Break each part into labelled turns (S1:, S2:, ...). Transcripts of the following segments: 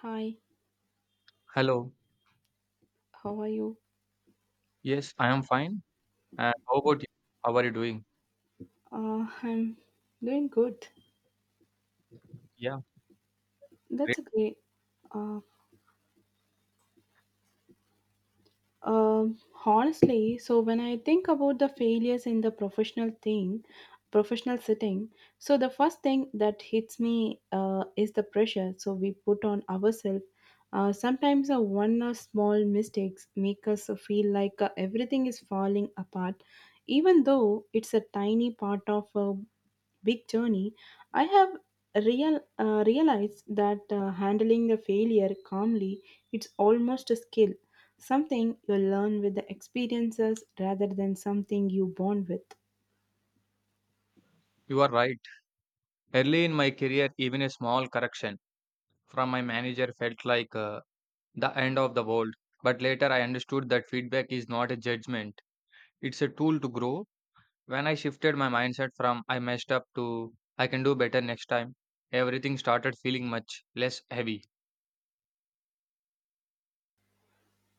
S1: Hi,
S2: Hello.
S1: how are you?
S2: Yes, I am fine. And how about you? How are you doing?
S1: I'm doing good.
S2: Yeah, great.
S1: That's a great. Uh, um Honestly, so when I think about the failures in the professional thing, professional setting, so the first thing that hits me is the pressure. So we put on ourselves. Sometimes a one or small mistakes make us feel like everything is falling apart, even though it's a tiny part of big journey, I have realized that handling the failure calmly it's almost a skill, something you learn with the experiences rather than something you born with.
S2: You are right. Early in my career, even a small correction from my manager felt like the end of the world. But later, I understood that feedback is not a judgment, it's a tool to grow. When I shifted my mindset from I messed up to I can do better next time, everything started feeling much less heavy.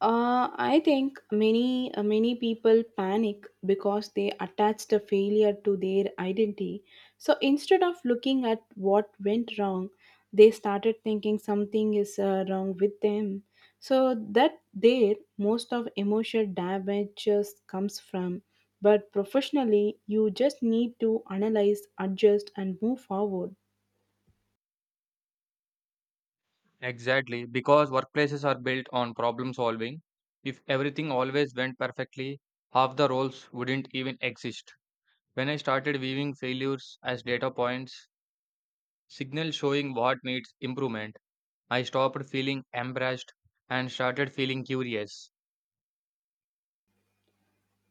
S1: I think many people panic because they attach the failure to their identity. So instead of looking at what went wrong, they started thinking something is wrong with them. So that there most of emotional damage just comes from. But professionally, you just need to analyze, adjust, and move forward.
S2: Exactly, because workplaces are built on problem solving. If everything always went perfectly, half the roles wouldn't even exist. When I started viewing failures as data points, signals showing what needs improvement, I stopped feeling embarrassed and started feeling curious.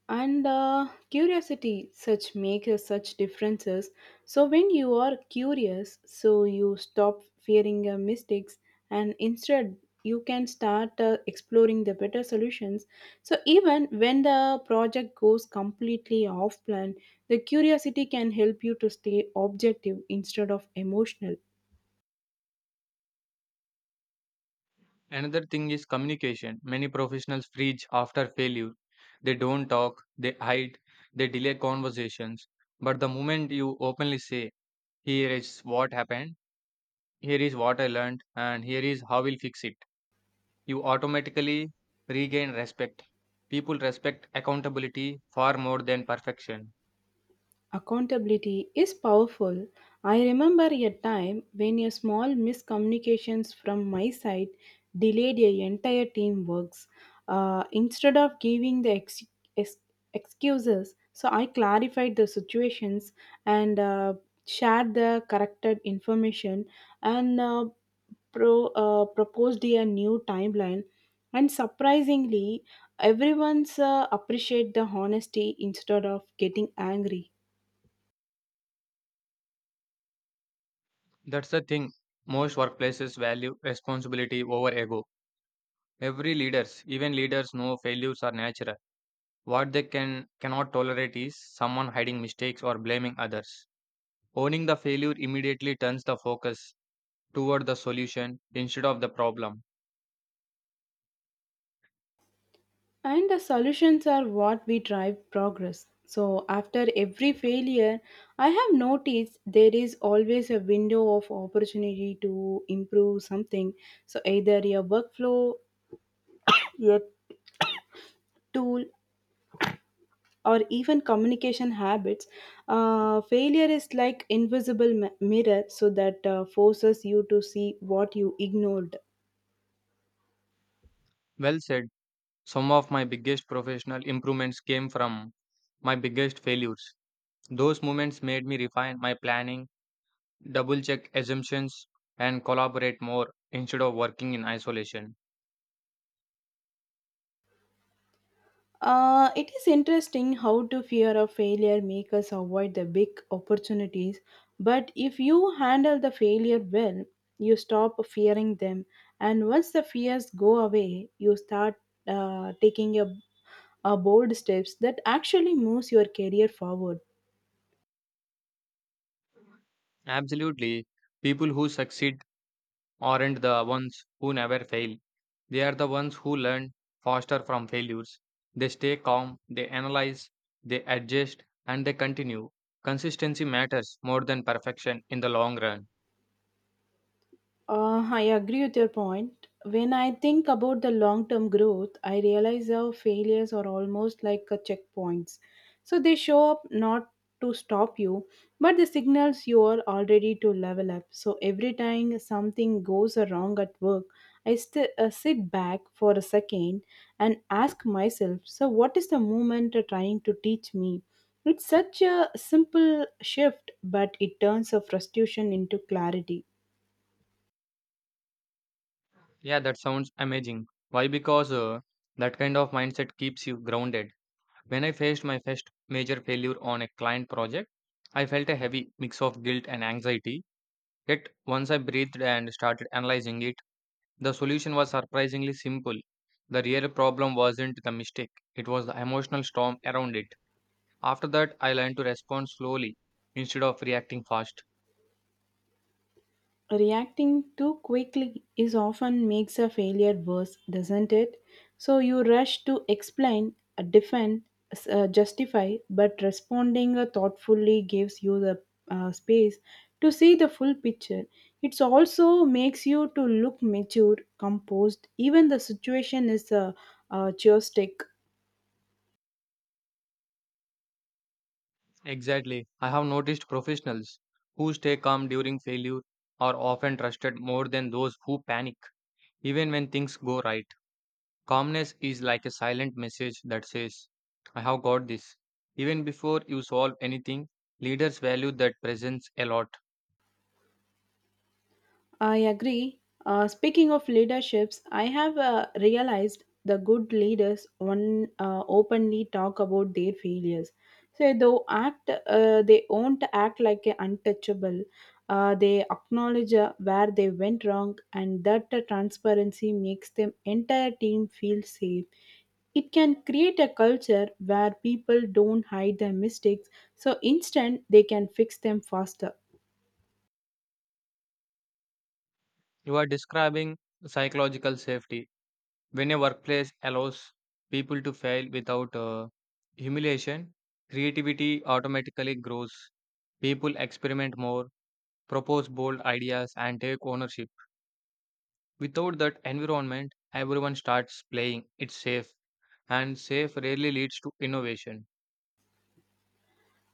S1: And curiosity such make a such differences, so when you are curious, so you stop fearing mistakes, and instead you can start exploring the better solutions, so even when the project goes completely off plan, the curiosity can help you to stay objective instead of emotional.
S2: Another thing is communication. Many professionals preach after failure. They don't talk, they hide, they delay conversations. But the moment you openly say, here is what happened, here is what I learned, and here is how we'll fix it. You automatically regain respect. People respect accountability far more than perfection.
S1: Accountability is powerful. I remember a time when a small miscommunications from my side delayed a entire team works. Instead of giving the ex- excuses, so I clarified the situations and shared the corrected information and proposed a new timeline, and surprisingly everyone's appreciate the honesty instead of getting angry.
S2: That's the thing. Most workplaces value responsibility over ego. Every leaders, even leaders know failures are natural. What they can cannot tolerate is someone hiding mistakes or blaming others. Owning the failure immediately turns the focus toward the solution instead of the problem.
S1: And the solutions are what we drive progress. So, after every failure, I have noticed there is always a window of opportunity to improve something. So, either your workflow, your tool, or even communication habits. Failure is like invisible mirror, so that forces you to see what you ignored.
S2: Well said. Some of my biggest professional improvements came from my biggest failures. Those moments made me refine my planning, double check assumptions, and collaborate more instead of working in isolation.
S1: It is interesting how to fear of failure make us avoid the big opportunities, but if you handle the failure well, you stop fearing them, and once the fears go away, you start taking a bold steps that actually moves your career forward.
S2: Absolutely, people who succeed aren't the ones who never fail. They are the ones who learn faster from failures. They stay calm, they analyze, they adjust, and they continue. Consistency matters more than perfection in the long run.
S1: I agree with your point. When I think about the long term growth, I realize how failures are almost like a checkpoints. So they show up not to stop you, but the signals you are already to level up. So every time something goes wrong at work, I sit back for a second and ask myself, so what is the moment trying to teach me? It's such a simple shift, but it turns a frustration into clarity.
S2: Yeah, that sounds amazing. Why? Because that kind of mindset keeps you grounded. When I faced my first major failure on a client project, I felt a heavy mix of guilt and anxiety. Yet, once I breathed and started analyzing it, the solution was surprisingly simple. The real problem wasn't the mistake, it was the emotional storm around it. After that, I learned to respond slowly instead of reacting fast.
S1: Reacting too quickly is often makes a failure worse, doesn't it? So you rush to explain, defend, justify, but responding thoughtfully gives you the space to see the full picture. It also makes you to look mature composed even the situation is a joystick.
S2: Exactly. I have noticed professionals who stay calm during failure are often trusted more than those who panic. Even when things go right, calmness is like a silent message that says, I have got this. Even before you solve anything, leaders value that presence a lot.
S1: I agree. Speaking of leaderships, I have realized the good leaders on openly talk about their failures. So they won't act like a untouchable. They acknowledge where they went wrong, and that transparency makes them entire team feel safe. It can create a culture where people don't hide their mistakes, so instead they can fix them faster.
S2: You are describing psychological safety. When a workplace allows people to fail without humiliation, creativity automatically grows. People experiment more propose bold ideas, and take ownership. Without that environment, everyone starts playing it safe, and safe rarely leads to innovation.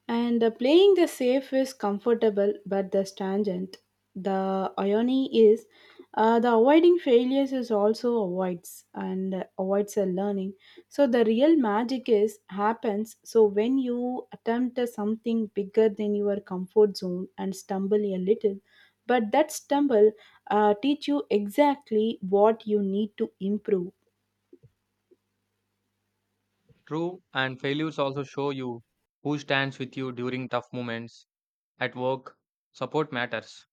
S1: And playing the safe is comfortable, but the tangent. The irony is, the avoiding failures is also avoids a learning. So the real magic is happens. So when you attempt something bigger than your comfort zone and stumble a little, but that stumble teach you exactly what you need to improve.
S2: True, and failures also show you who stands with you during tough moments. At work, support matters.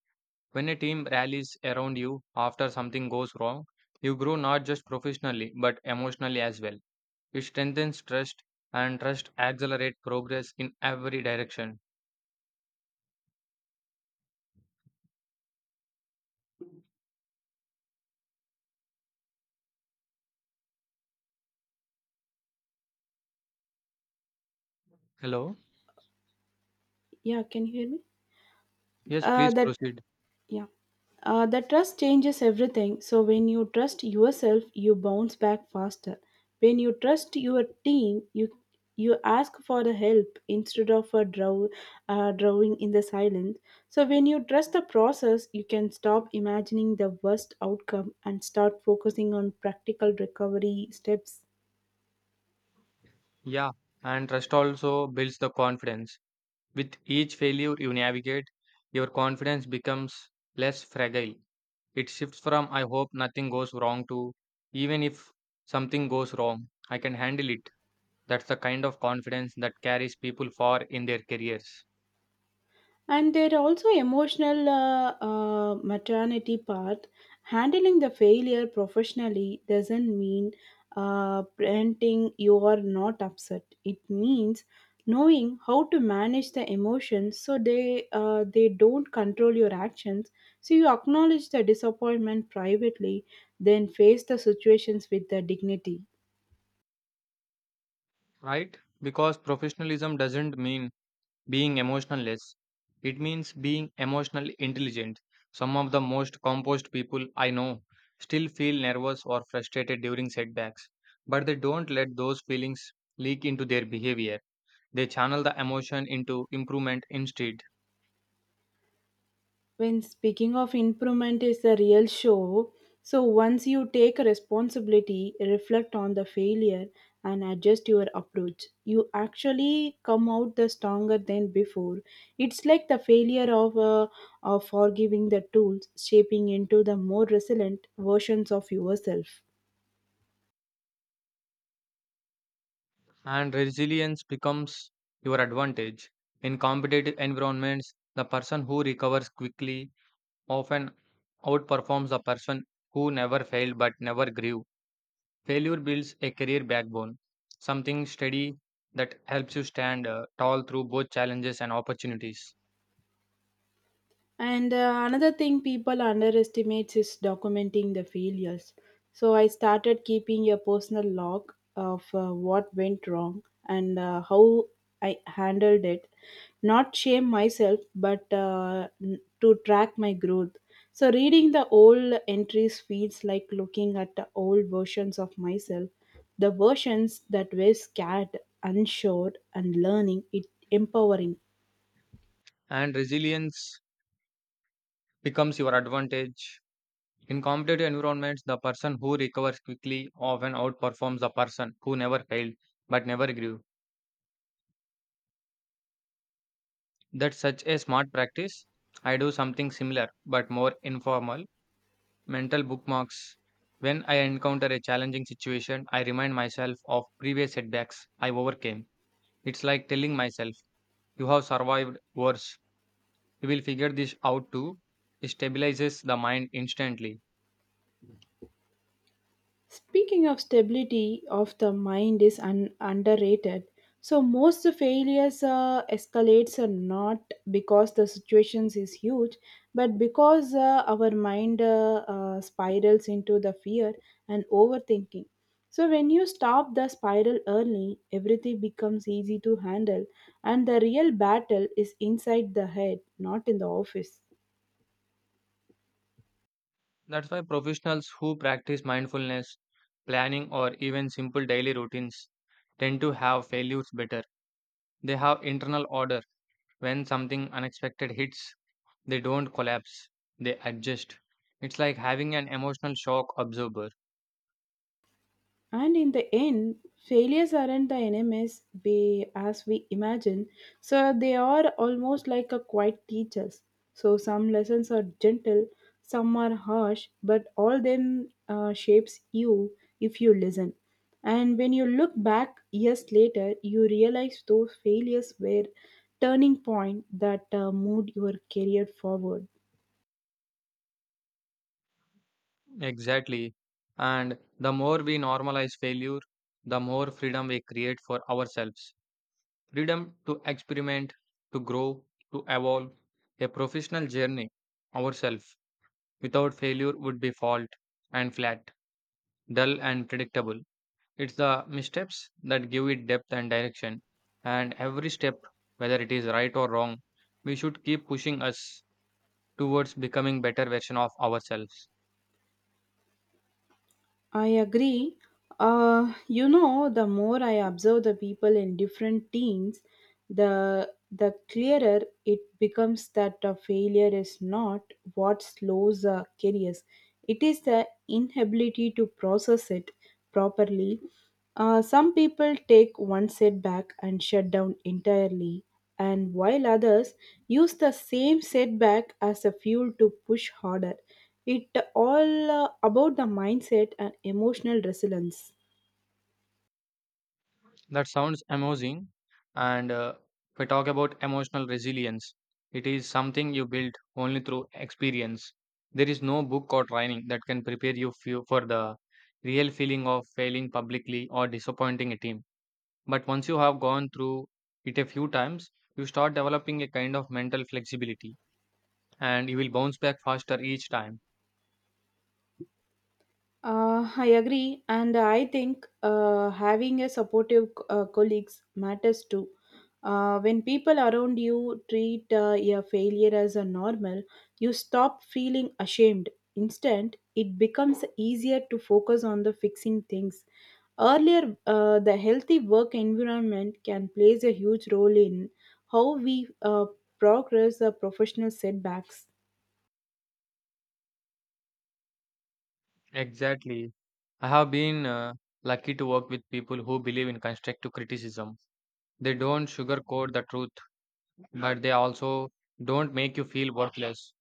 S2: When a team rallies around you after something goes wrong, you grow not just professionally but emotionally as well. It strengthens trust, and trust accelerates progress in every direction. Hello?
S1: Yeah, can you hear me?
S2: Yes, please
S1: That.
S2: proceed.
S1: Yeah. The trust changes everything. So when you trust yourself, you bounce back faster. When you trust your team, you ask for the help instead of a draw, drawing in the silence. So when you trust the process, you can stop imagining the worst outcome and start focusing on practical recovery steps.
S2: Yeah, and trust also builds the confidence. With each failure you navigate, your confidence becomes less fragile. It shifts from I hope nothing goes wrong to even if something goes wrong, I can handle it. That's the kind of confidence that carries people far in their careers,
S1: And there are also emotional maternity part, handling the failure professionally doesn't mean parenting you are not upset, it means knowing how to manage the emotions so they don't control your actions, so you acknowledge the disappointment privately then face the situations with the dignity.
S2: right? Because professionalism doesn't mean being emotionless, it means being emotionally intelligent. Some of the most composed people I know still feel nervous or frustrated during setbacks, but they don't let those feelings leak into their behavior. They channel the emotion into improvement instead,
S1: When speaking of improvement is the real show, so once you take responsibility, reflect on the failure and adjust your approach, you actually come out the stronger than before. It's like the failure of forgiving the tools shaping into the more resilient versions of yourself.
S2: and resilience becomes your advantage. In competitive environments, the person who recovers quickly often outperforms the person who never failed but never grew. Failure builds a career backbone, something steady that helps you stand tall through both challenges and opportunities.
S1: And another thing people underestimates is documenting the failures. So I started keeping a personal log of what went wrong and how I handled it. Not shame myself, but to track my growth. So reading the old entries feels like looking at the old versions of myself, the versions that were scared, unsure, and learning. It empowering.
S2: And resilience becomes your advantage. In competitive environments, the person who recovers quickly often outperforms the person who never failed but never grew. That's such a smart practice. I do something similar but more informal mental bookmarks. When I encounter a challenging situation, I remind myself of previous setbacks I overcame. It's like telling myself, you have survived worse. You will figure this out too. It stabilizes the mind instantly.
S1: Speaking of stability of the mind is underrated. So most the failures escalates are not because the situations is huge, but because our mind spirals into the fear and overthinking. So when you stop the spiral early, everything becomes easy to handle, and the real battle is inside the head, not in the office.
S2: That's why professionals who practice mindfulness, planning, or even simple daily routines tend to have failures better. They have internal order. When something unexpected hits, they don't collapse, they adjust. It's like having an emotional shock absorber.
S1: And in the end, failures aren't the enemies we as we imagine, so they are almost like a quiet teachers. So some lessons are gentle, some are harsh, but all them shapes you if you listen. And when you look back years later, you realize those failures were turning point that moved your career forward.
S2: Exactly. And the more we normalize failure, the more freedom we create for ourselves. Freedom to experiment, to grow, to evolve a professional journey ourselves without failure would be fault and flat, dull and predictable. It's the missteps that give it depth and direction, and every step, whether it is right or wrong, we should keep pushing us towards becoming better version of ourselves.
S1: I agree. You know, the more I observe the people in different teams, the clearer it becomes that a failure is not what slows careers. It is the inability to process it properly. Some people take one setback and shut down entirely, and while others use the same setback as a fuel to push harder. It all about the mindset and emotional resilience.
S2: That sounds amazing. And If we talk about emotional resilience, it is something you build only through experience. There is no book or training that can prepare you for the real feeling of failing publicly or disappointing a team. But once you have gone through it a few times, you start developing a kind of mental flexibility and you will bounce back faster each time.
S1: I agree, and I think having a supportive colleagues matters too. When people around you treat your failure as a normal, you stop feeling ashamed. Instead, it becomes easier to focus on the fixing things. Earlier, the healthy work environment can plays a huge role in how we progress the professional setbacks.
S2: Exactly. I have been lucky to work with people who believe in constructive criticism. They don't sugarcoat the truth but they also don't make you feel worthless.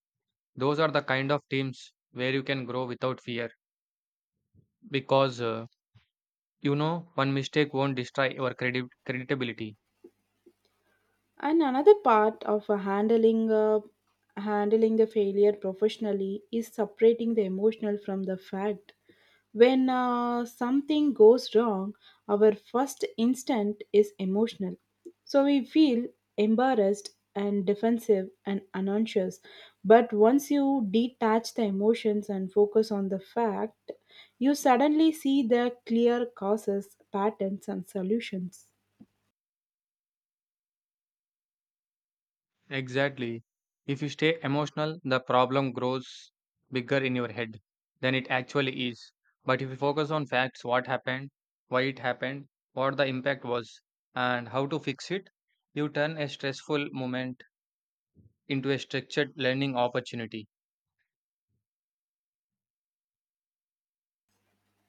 S2: Those are the kind of teams where you can grow without fear because you know one mistake won't destroy your credit creditability.
S1: And another part of handling the failure professionally is separating the emotional from the fact. When something goes wrong, our first instinct is emotional. So we feel embarrassed and defensive and unconscious. But once you detach the emotions and focus on the fact, you suddenly see the clear causes, patterns, and solutions.
S2: Exactly. If you stay emotional, the problem grows bigger in your head than it actually is. But if you focus on facts, what happened, why it happened, what the impact was, and how to fix it, you turn a stressful moment into a structured learning opportunity.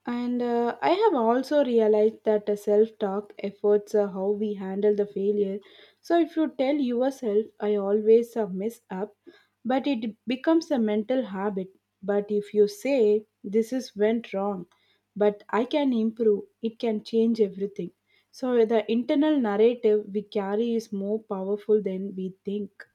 S1: And I have also realized that the self talk efforts how we handle the failure. So if you tell yourself, I always mess up, but it becomes a mental habit. But if you say, this is went wrong, but I can improve, it can change everything. So the internal narrative we carry is more powerful than we think.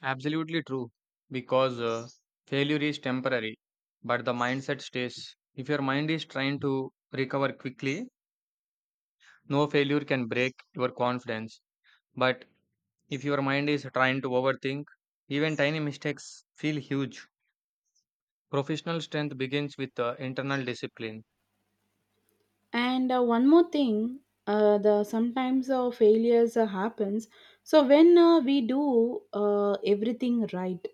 S2: Absolutely true, because failure is temporary, but the mindset stays. If your mind is trying to recover quickly, no failure can break your confidence. But if your mind is trying to overthink, even tiny mistakes feel huge. Professional strength begins with internal discipline.
S1: And one more thing, the sometimes failures happens, so when we do everything right,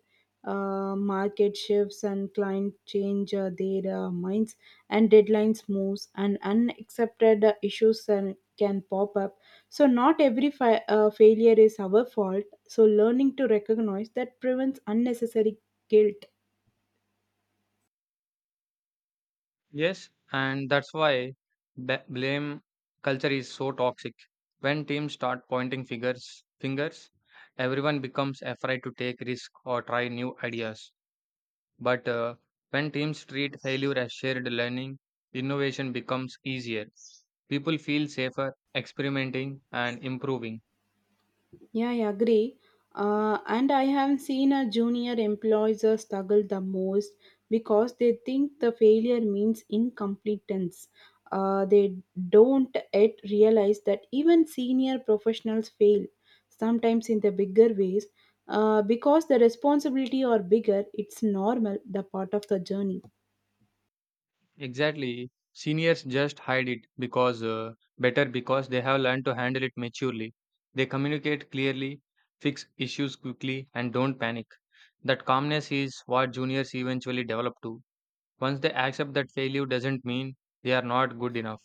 S1: market shifts and client change their minds and deadlines moves and unaccepted issues and can pop up, so not every failure is our fault, so learning to recognize that prevents unnecessary guilt.
S2: Yes, and that's why blame culture is so toxic. When teams start pointing fingers, everyone becomes afraid to take risk or try new ideas. But when teams treat failure as shared learning, innovation becomes easier. People feel safer experimenting and improving.
S1: Yeah, I agree. And I have seen a junior employees struggle the most because they think the failure means incompetence. They don't yet realize that even senior professionals fail sometimes in the bigger ways because the responsibility are bigger. It's normal, the part of the journey.
S2: Exactly. Seniors just hide it because better because they have learned to handle it maturely. They communicate clearly, fix issues quickly, and don't panic. That calmness is what juniors eventually develop to. Once they accept that failure doesn't mean they are not good enough.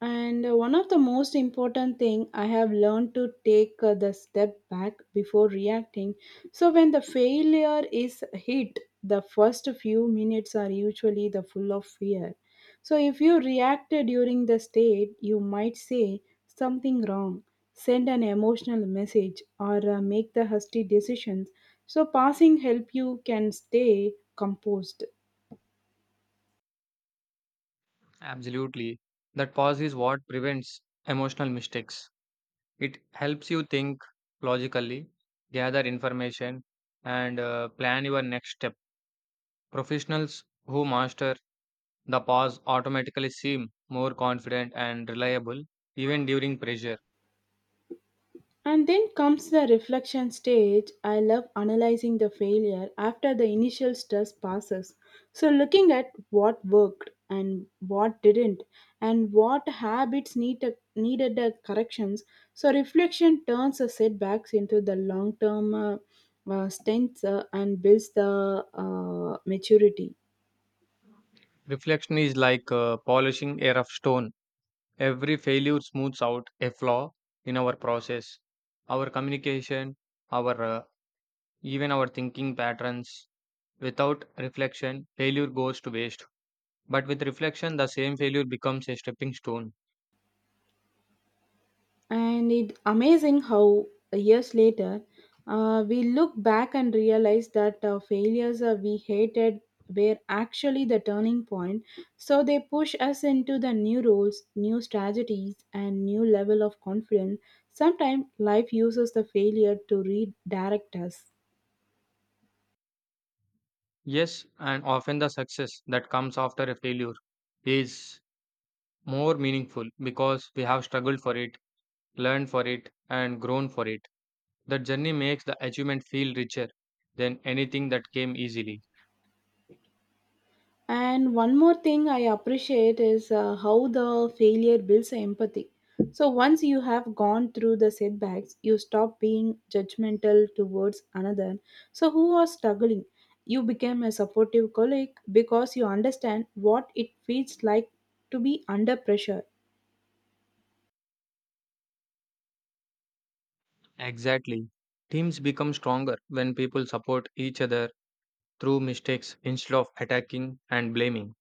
S1: And one of the most important thing I have learned to take the step back before reacting. So when the failure is hit, the first few minutes are usually the full of fear. So if you react during the state, you might say something wrong, send an emotional message, or make the hasty decisions. So passing help you can stay composed.
S2: Absolutely. That pause is what prevents emotional mistakes. It helps you think logically, gather information, and plan your next step. Professionals who master the pause automatically seem more confident and reliable even during pressure.
S1: And then comes the reflection stage. I love analyzing the failure after the initial stress passes. So, looking at what worked and what didn't, and what habits needed the corrections. So, reflection turns the setbacks into the long term strengths and builds the maturity.
S2: Reflection is like polishing a rough stone. Every failure smooths out a flaw in our process, our communication, our even our thinking patterns. Without reflection, failure goes to waste. But with reflection, the same failure becomes a stepping stone.
S1: And it's amazing how years later we look back and realize that failures we hated were actually the turning point, so they push us into the new roles, new strategies, and new level of confidence. Sometimes life uses the failure to redirect us.
S2: Yes, and often the success that comes after a failure is more meaningful because we have struggled for it, learned for it, and grown for it. The journey makes the achievement feel richer than anything that came easily.
S1: And one more thing I appreciate is how the failure builds empathy. So once you have gone through the setbacks, you stop being judgmental towards another. So who are struggling? You become a supportive colleague because you understand what it feels like to be under pressure.
S2: Exactly. Teams become stronger when people support each other through mistakes instead of attacking and blaming.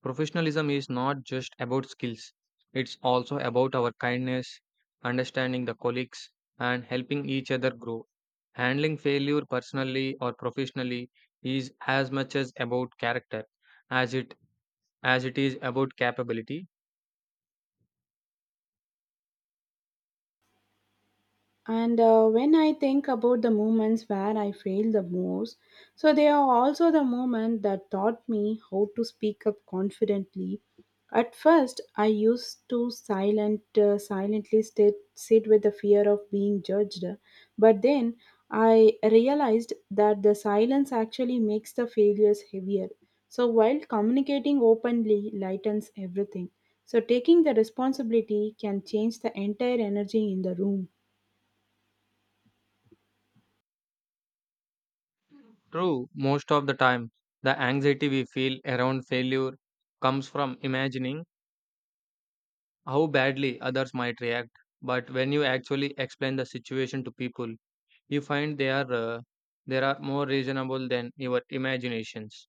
S2: Professionalism is not just about skills, it's also about our kindness, understanding the colleagues, and helping each other grow. Handling failure personally or professionally is as much as about character as it as it is about capability.
S1: And When I think about the moments where I failed the most, so they are also the moments that taught me how to speak up confidently. At first, I used to silent, silently sit with the fear of being judged, but then I realized that the silence actually makes the failures heavier. So while communicating openly lightens everything. So taking the responsibility can change the entire energy in the room.
S2: True, most of the time, the anxiety we feel around failure comes from imagining how badly others might react. But when you actually explain the situation to people, you find they are there are more reasonable than your imaginations.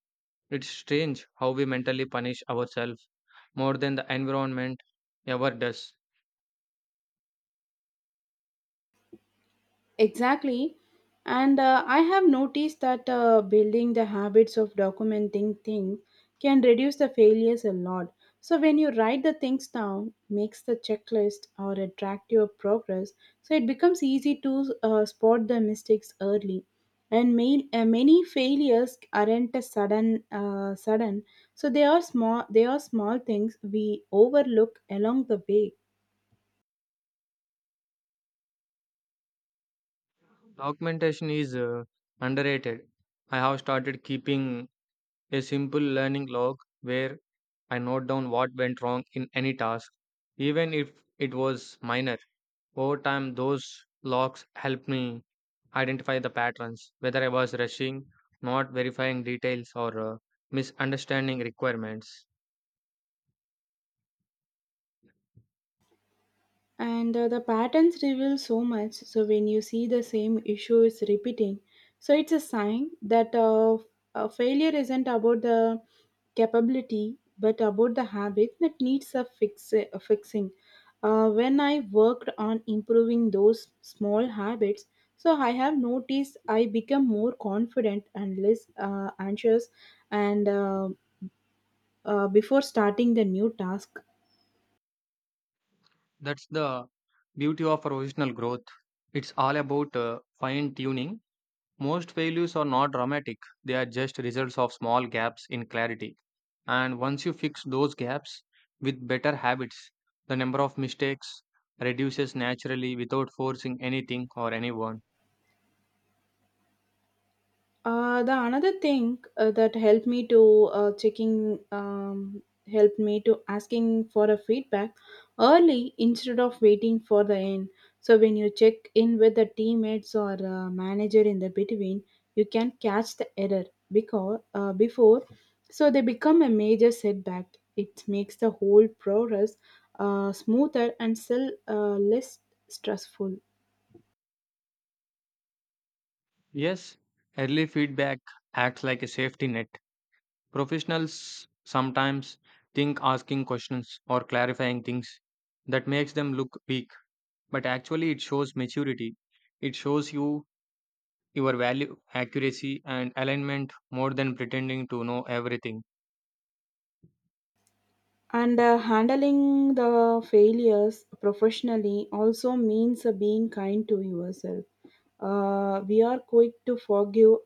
S2: It's strange how we mentally punish ourselves more than the environment ever does.
S1: Exactly. And I have noticed that building the habits of documenting things can reduce the failures a lot. So when you write the things down, makes the checklist or a track your progress, so it becomes easy to spot the mistakes early. Many failures aren't a sudden, sudden. So they are small. They are small things we overlook along the way.
S2: Documentation is underrated. I have started keeping a simple learning log where I note down what went wrong in any task, even if it was minor. Over time, those logs helped me identify the patterns, whether I was rushing, not verifying details, or misunderstanding requirements.
S1: And The patterns reveal so much so when you see the same issue is repeating, so it's a sign that a failure isn't about the capability but about the habit that needs a fixing. When I worked on improving those small habits, so I have noticed I become more confident and less anxious and before starting the new task.
S2: That's the beauty of professional growth. It's all about fine tuning. Most failures are not dramatic, they are just results of small gaps in clarity. And once you fix those gaps with better habits, the number of mistakes reduces naturally without forcing anything or anyone.
S1: The another thing that helped me to checking helped me to asking for a feedback early instead of waiting for the end. So when you check in with the teammates or manager in the between, you can catch the error because before, so they become a major setback. It makes the whole progress smoother and still less stressful.
S2: Yes, early feedback acts like a safety net. Professionals sometimes think asking questions or clarifying things that makes them look weak, but actually it shows maturity. It shows you your value, accuracy, and alignment more than pretending to know everything.
S1: And Handling the failures professionally also means being kind to yourself. We are quick to forgive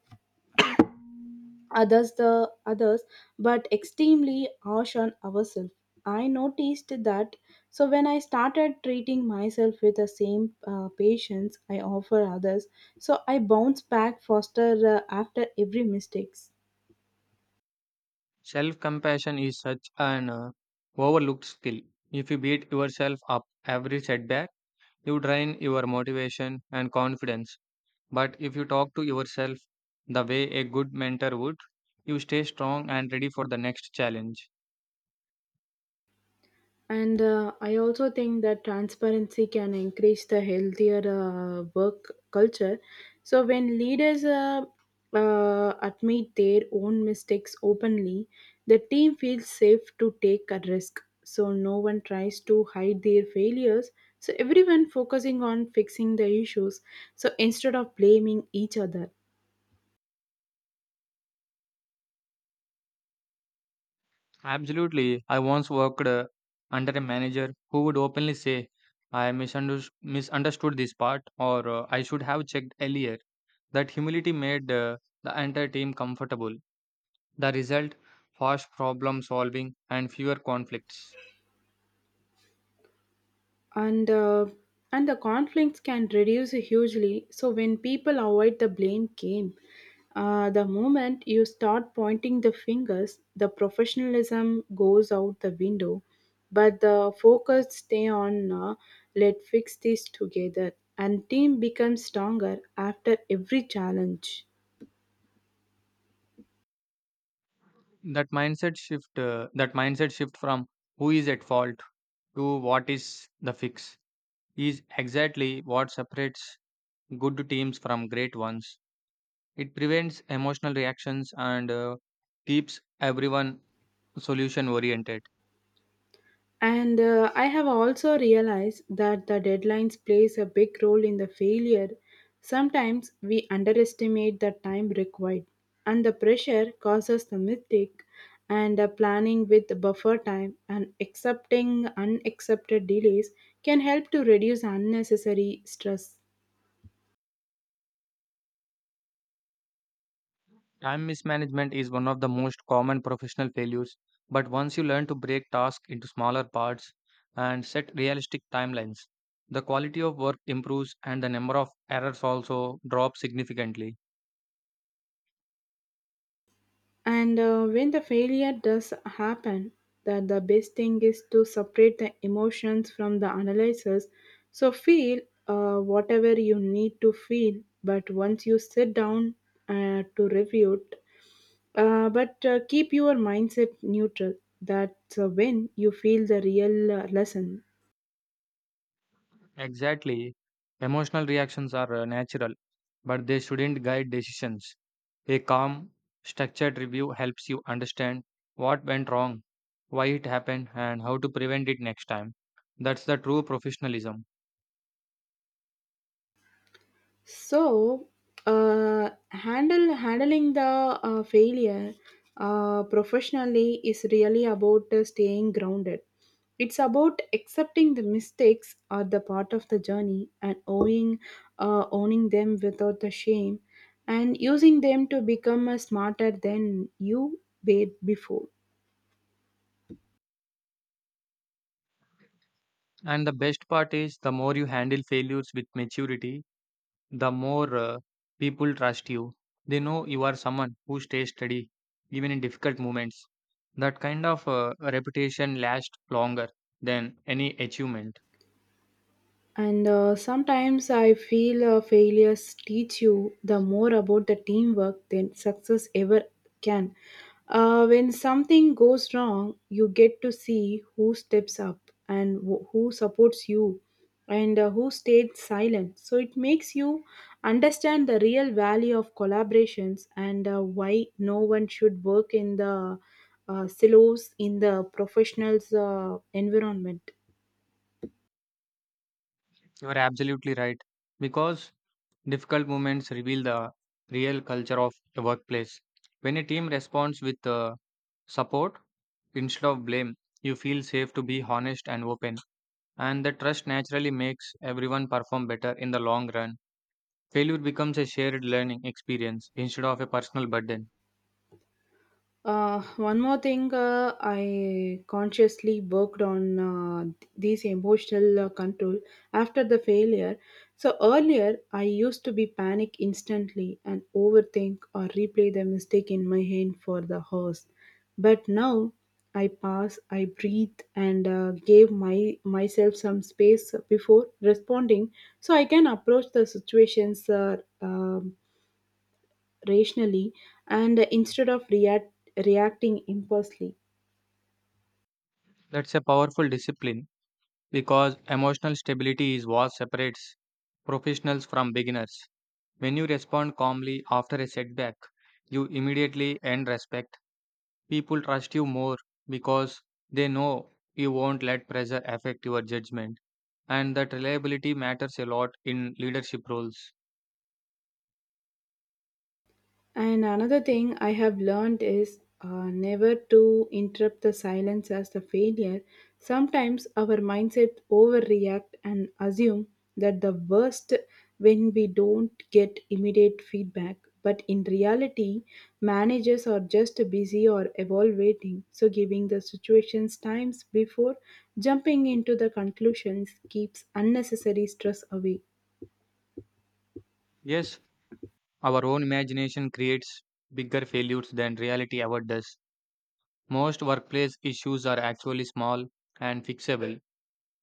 S1: others the others, but extremely harsh on ourselves. I noticed that. So when I started treating myself with the same patience I offer others, so I bounce back faster after every mistakes.
S2: Self compassion is such an overlooked skill. If you beat yourself up every setback, you drain your motivation and confidence. But if you talk to yourself the way a good mentor would, you stay strong and ready for the next challenge.
S1: And I also think that transparency can increase the healthier work culture. So when leaders admit their own mistakes openly, the team feels safe to take a risk. So no one tries to hide their failures. So everyone focusing on fixing the issues. So instead of blaming each other.
S2: Absolutely. I once worked under a manager who would openly say, I misunderstood this part, or I should have checked earlier. That humility made the entire team comfortable. The result fast problem solving and fewer conflicts.
S1: and uh, and the conflicts can reduce hugely so when people avoid the blame game, the moment you start pointing the fingers, the professionalism goes out the window, but the focus stay on let fix this together, and team becomes stronger after every challenge.
S2: That mindset shift, from who is at fault to what is the fix is exactly what separates good teams from great ones. It prevents emotional reactions and keeps everyone solution oriented.
S1: And I have also realized that the deadlines plays a big role in the failure. Sometimes we underestimate the time required and the pressure causes the mistake, and planning with buffer time and accepting unaccepted delays can help to reduce unnecessary stress.
S2: Time mismanagement is one of the most common professional failures, but once you learn to break tasks into smaller parts and set realistic timelines, the quality of work improves and the number of errors also drops significantly.
S1: And When the failure does happen, that the best thing is to separate the emotions from the analysis. So feel whatever you need to feel, but once you sit down to review it, but keep your mindset neutral. That's when you feel the real lesson.
S2: Exactly, emotional reactions are natural, but they shouldn't guide decisions. A calm, structured review helps you understand what went wrong, why it happened, and how to prevent it next time. That's the true professionalism.
S1: So, handle handling the failure professionally is really about staying grounded. It's about accepting the mistakes are the part of the journey and owning them without the shame and using them to become smarter than you were before.
S2: And the best part is the more you handle failures with maturity, the more people trust you. They know you are someone who stays steady, even in difficult moments. That kind of reputation lasts longer than any achievement.
S1: And Sometimes I feel failures teach you the more about the teamwork than success ever can. When something goes wrong, you get to see who steps up and who supports you and who stayed silent. So it makes you understand the real value of collaborations and why no one should work in the silos in the professionals' environment.
S2: You are absolutely right. Because difficult moments reveal the real culture of the workplace. When a team responds with support instead of blame, you feel safe to be honest and open. And the trust naturally makes everyone perform better in the long run. Failure becomes a shared learning experience instead of a personal burden.
S1: One more thing, I consciously worked on these emotional control after the failure. So earlier, I used to be panic instantly and overthink or replay the mistake in my head for the horse. But now, I pause, I breathe, and gave my myself some space before responding, so I can approach the situations rationally, and instead of reacting impulsively.
S2: That's a powerful discipline because emotional stability is what separates professionals from beginners. When you respond calmly after a setback, you immediately earn respect. People trust you more because they know you won't let pressure affect your judgment, and that reliability matters a lot in leadership roles.
S1: And another thing I have learned is never to interrupt the silence as the failure. Sometimes our mindset overreact and assume that the worst when we don't get immediate feedback. But in reality, managers are just busy or evaluating, so giving the situations times before jumping into the conclusions keeps unnecessary stress away.
S2: Yes, our own imagination creates bigger failures than reality ever does. Most workplace issues are actually small and fixable,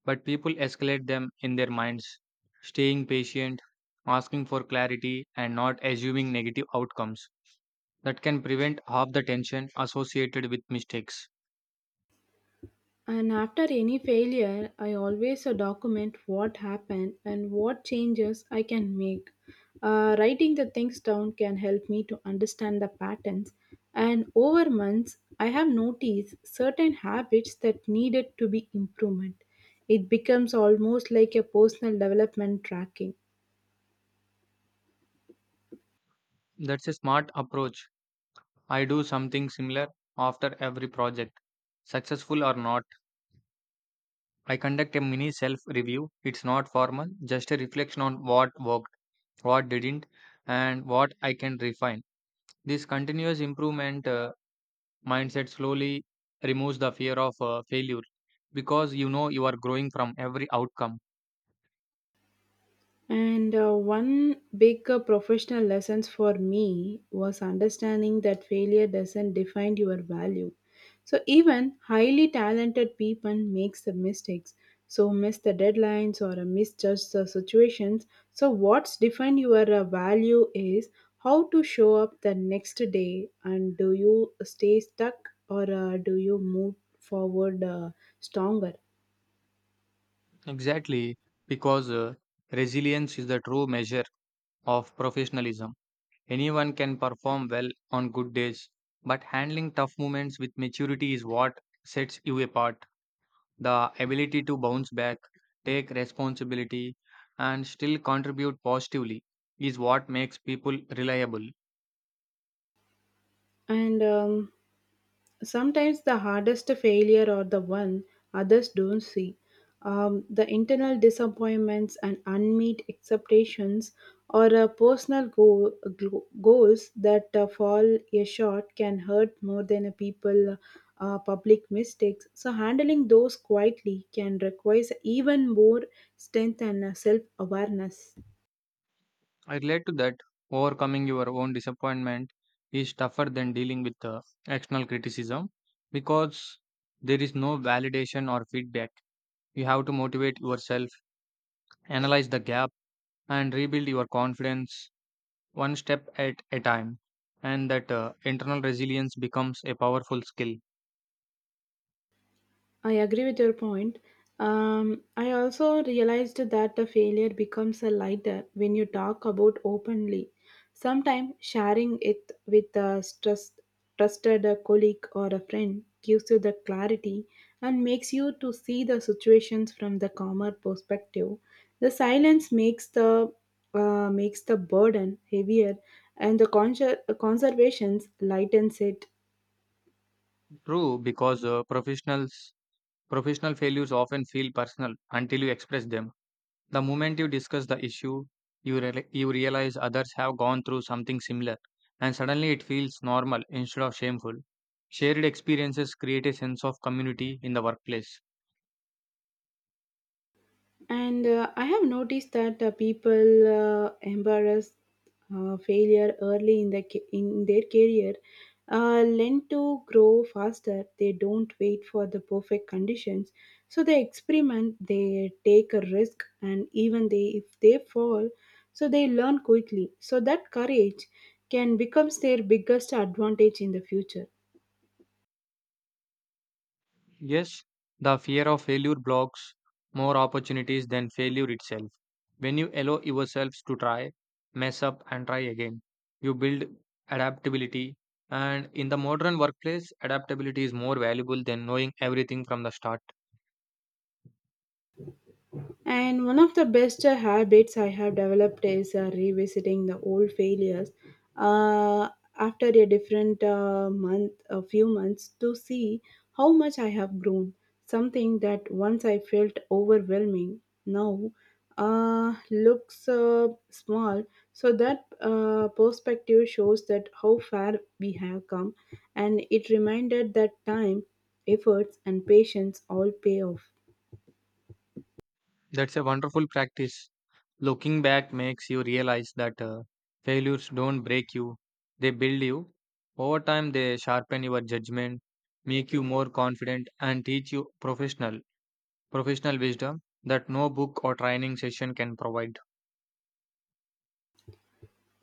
S2: but people escalate them in their minds. Staying patient, asking for clarity, and not assuming negative outcomes that can prevent half the tension associated with mistakes.
S1: And after any failure, I always document what happened and what changes I can make. Writing the things down can help me to understand the patterns. And over months, I have noticed certain habits that needed to be improvement. It becomes almost like a personal development tracking.
S2: That's a smart approach. I do something similar after every project. Successful or not, I conduct a mini self review. It's not formal, just a reflection on what worked, what didn't, and what I can refine. This continuous improvement mindset slowly removes the fear of failure because you know you are growing from every outcome.
S1: And One big professional lessons for me was understanding that failure doesn't define your value. So even highly talented people makes the mistakes. So miss the deadlines or misjudge the situations. So what's define your value is how to show up the next day, and do you stay stuck or do you move forward stronger?
S2: Exactly, because resilience is the true measure of professionalism. Anyone can perform well on good days, but handling tough moments with maturity is what sets you apart. The ability to bounce back, take responsibility, and still contribute positively is what makes people reliable.
S1: And Sometimes the hardest failure are the one others don't see. The internal disappointments and unmet expectations or personal goals that fall a short can hurt more than a people public mistakes. So handling those quietly can require even more strength and self awareness.
S2: I relate to that. Overcoming your own disappointment is tougher than dealing with external criticism because there is no validation or feedback. You have to motivate yourself, analyze the gap and rebuild your confidence one step at a time. And that internal resilience becomes a powerful skill.
S1: I agree with your point. I also realized that the failure becomes a lighter when you talk about openly. Sometimes sharing it with a trusted colleague or a friend gives you the clarity and makes you to see the situations from the calmer perspective. The silence makes the burden heavier, and the conservations lightens it.
S2: True, because professional failures often feel personal until you express them. The moment you discuss the issue, you realize others have gone through something similar, and suddenly it feels normal instead of shameful. Shared experiences create a sense of community in the workplace.
S1: And I have noticed that people embarrass failure early in the in their career, learn to grow faster. They don't wait for the perfect conditions, so they experiment. They take a risk, and even they if they fall, so they learn quickly. So that courage can becomes their biggest advantage in the future.
S2: Yes, the fear of failure blocks more opportunities than failure itself. When you allow yourselves to try, mess up, and try again, you build adaptability. And in the modern workplace, adaptability is more valuable than knowing everything from the start.
S1: And one of the best habits I have developed is revisiting the old failures uh, after a different month, a few months, to see how much I have grown. Something that once I felt overwhelming now looks small. So that perspective shows that how far we have come, and it reminded that time, efforts, and patience all pay off.
S2: That's a wonderful practice. Looking back makes you realize that failures don't break you, they build you. Over time, they sharpen your judgment, make you more confident, and teach you professional wisdom that no book or training session can provide.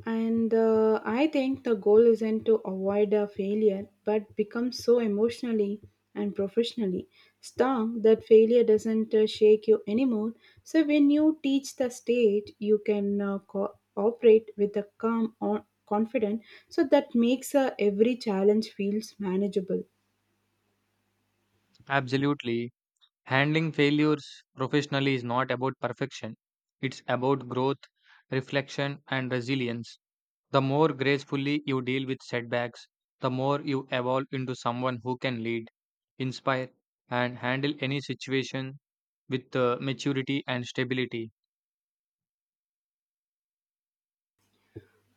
S1: And I think the goal isn't to avoid a failure, but become so emotionally and professionally strong that failure doesn't shake you anymore. So when you teach the stage, you can operate with a calm, or confident. So that makes every challenge feels manageable.
S2: Absolutely. Handling failures professionally is not about perfection, it's about growth, reflection, and resilience. The more gracefully you deal with setbacks, the more you evolve into someone who can lead, inspire, and handle any situation with maturity and stability.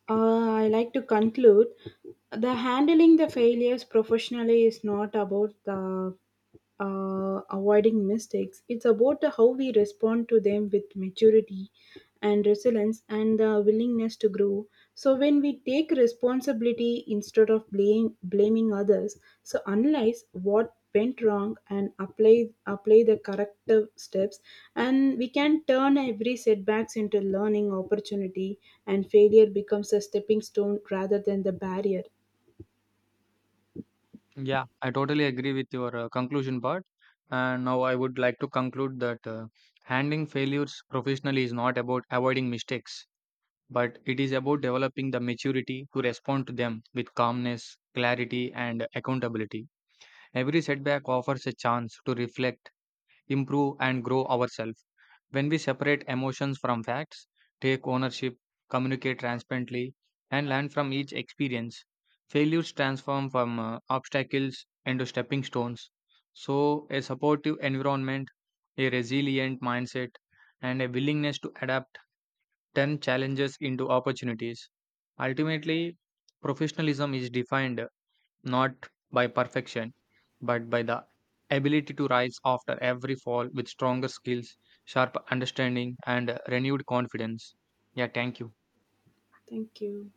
S1: I like to conclude the handling the failures professionally is not about the avoiding mistakes. It's about the how we respond to them with maturity and resilience and the willingness to grow. So when we take responsibility instead of blaming others, so analyze what went wrong and apply the corrective steps, and we can turn every setbacks into learning opportunity, and failure becomes a stepping stone rather than the barrier.
S2: Yeah, I totally agree with your conclusion part. And now I would like to conclude that handling failures professionally is not about avoiding mistakes, but it is about developing the maturity to respond to them with calmness, clarity, and accountability. Every setback offers a chance to reflect improve, and grow ourselves. When we separate emotions from facts, take ownership, communicate transparently, and learn from each experience, failures transform from obstacles into stepping stones. So, a supportive environment, a resilient mindset, and a willingness to adapt turn challenges into opportunities. Ultimately, professionalism is defined not by perfection, but by the ability to rise after every fall with stronger skills, sharp understanding, and renewed confidence. Yeah, thank you.
S1: Thank you.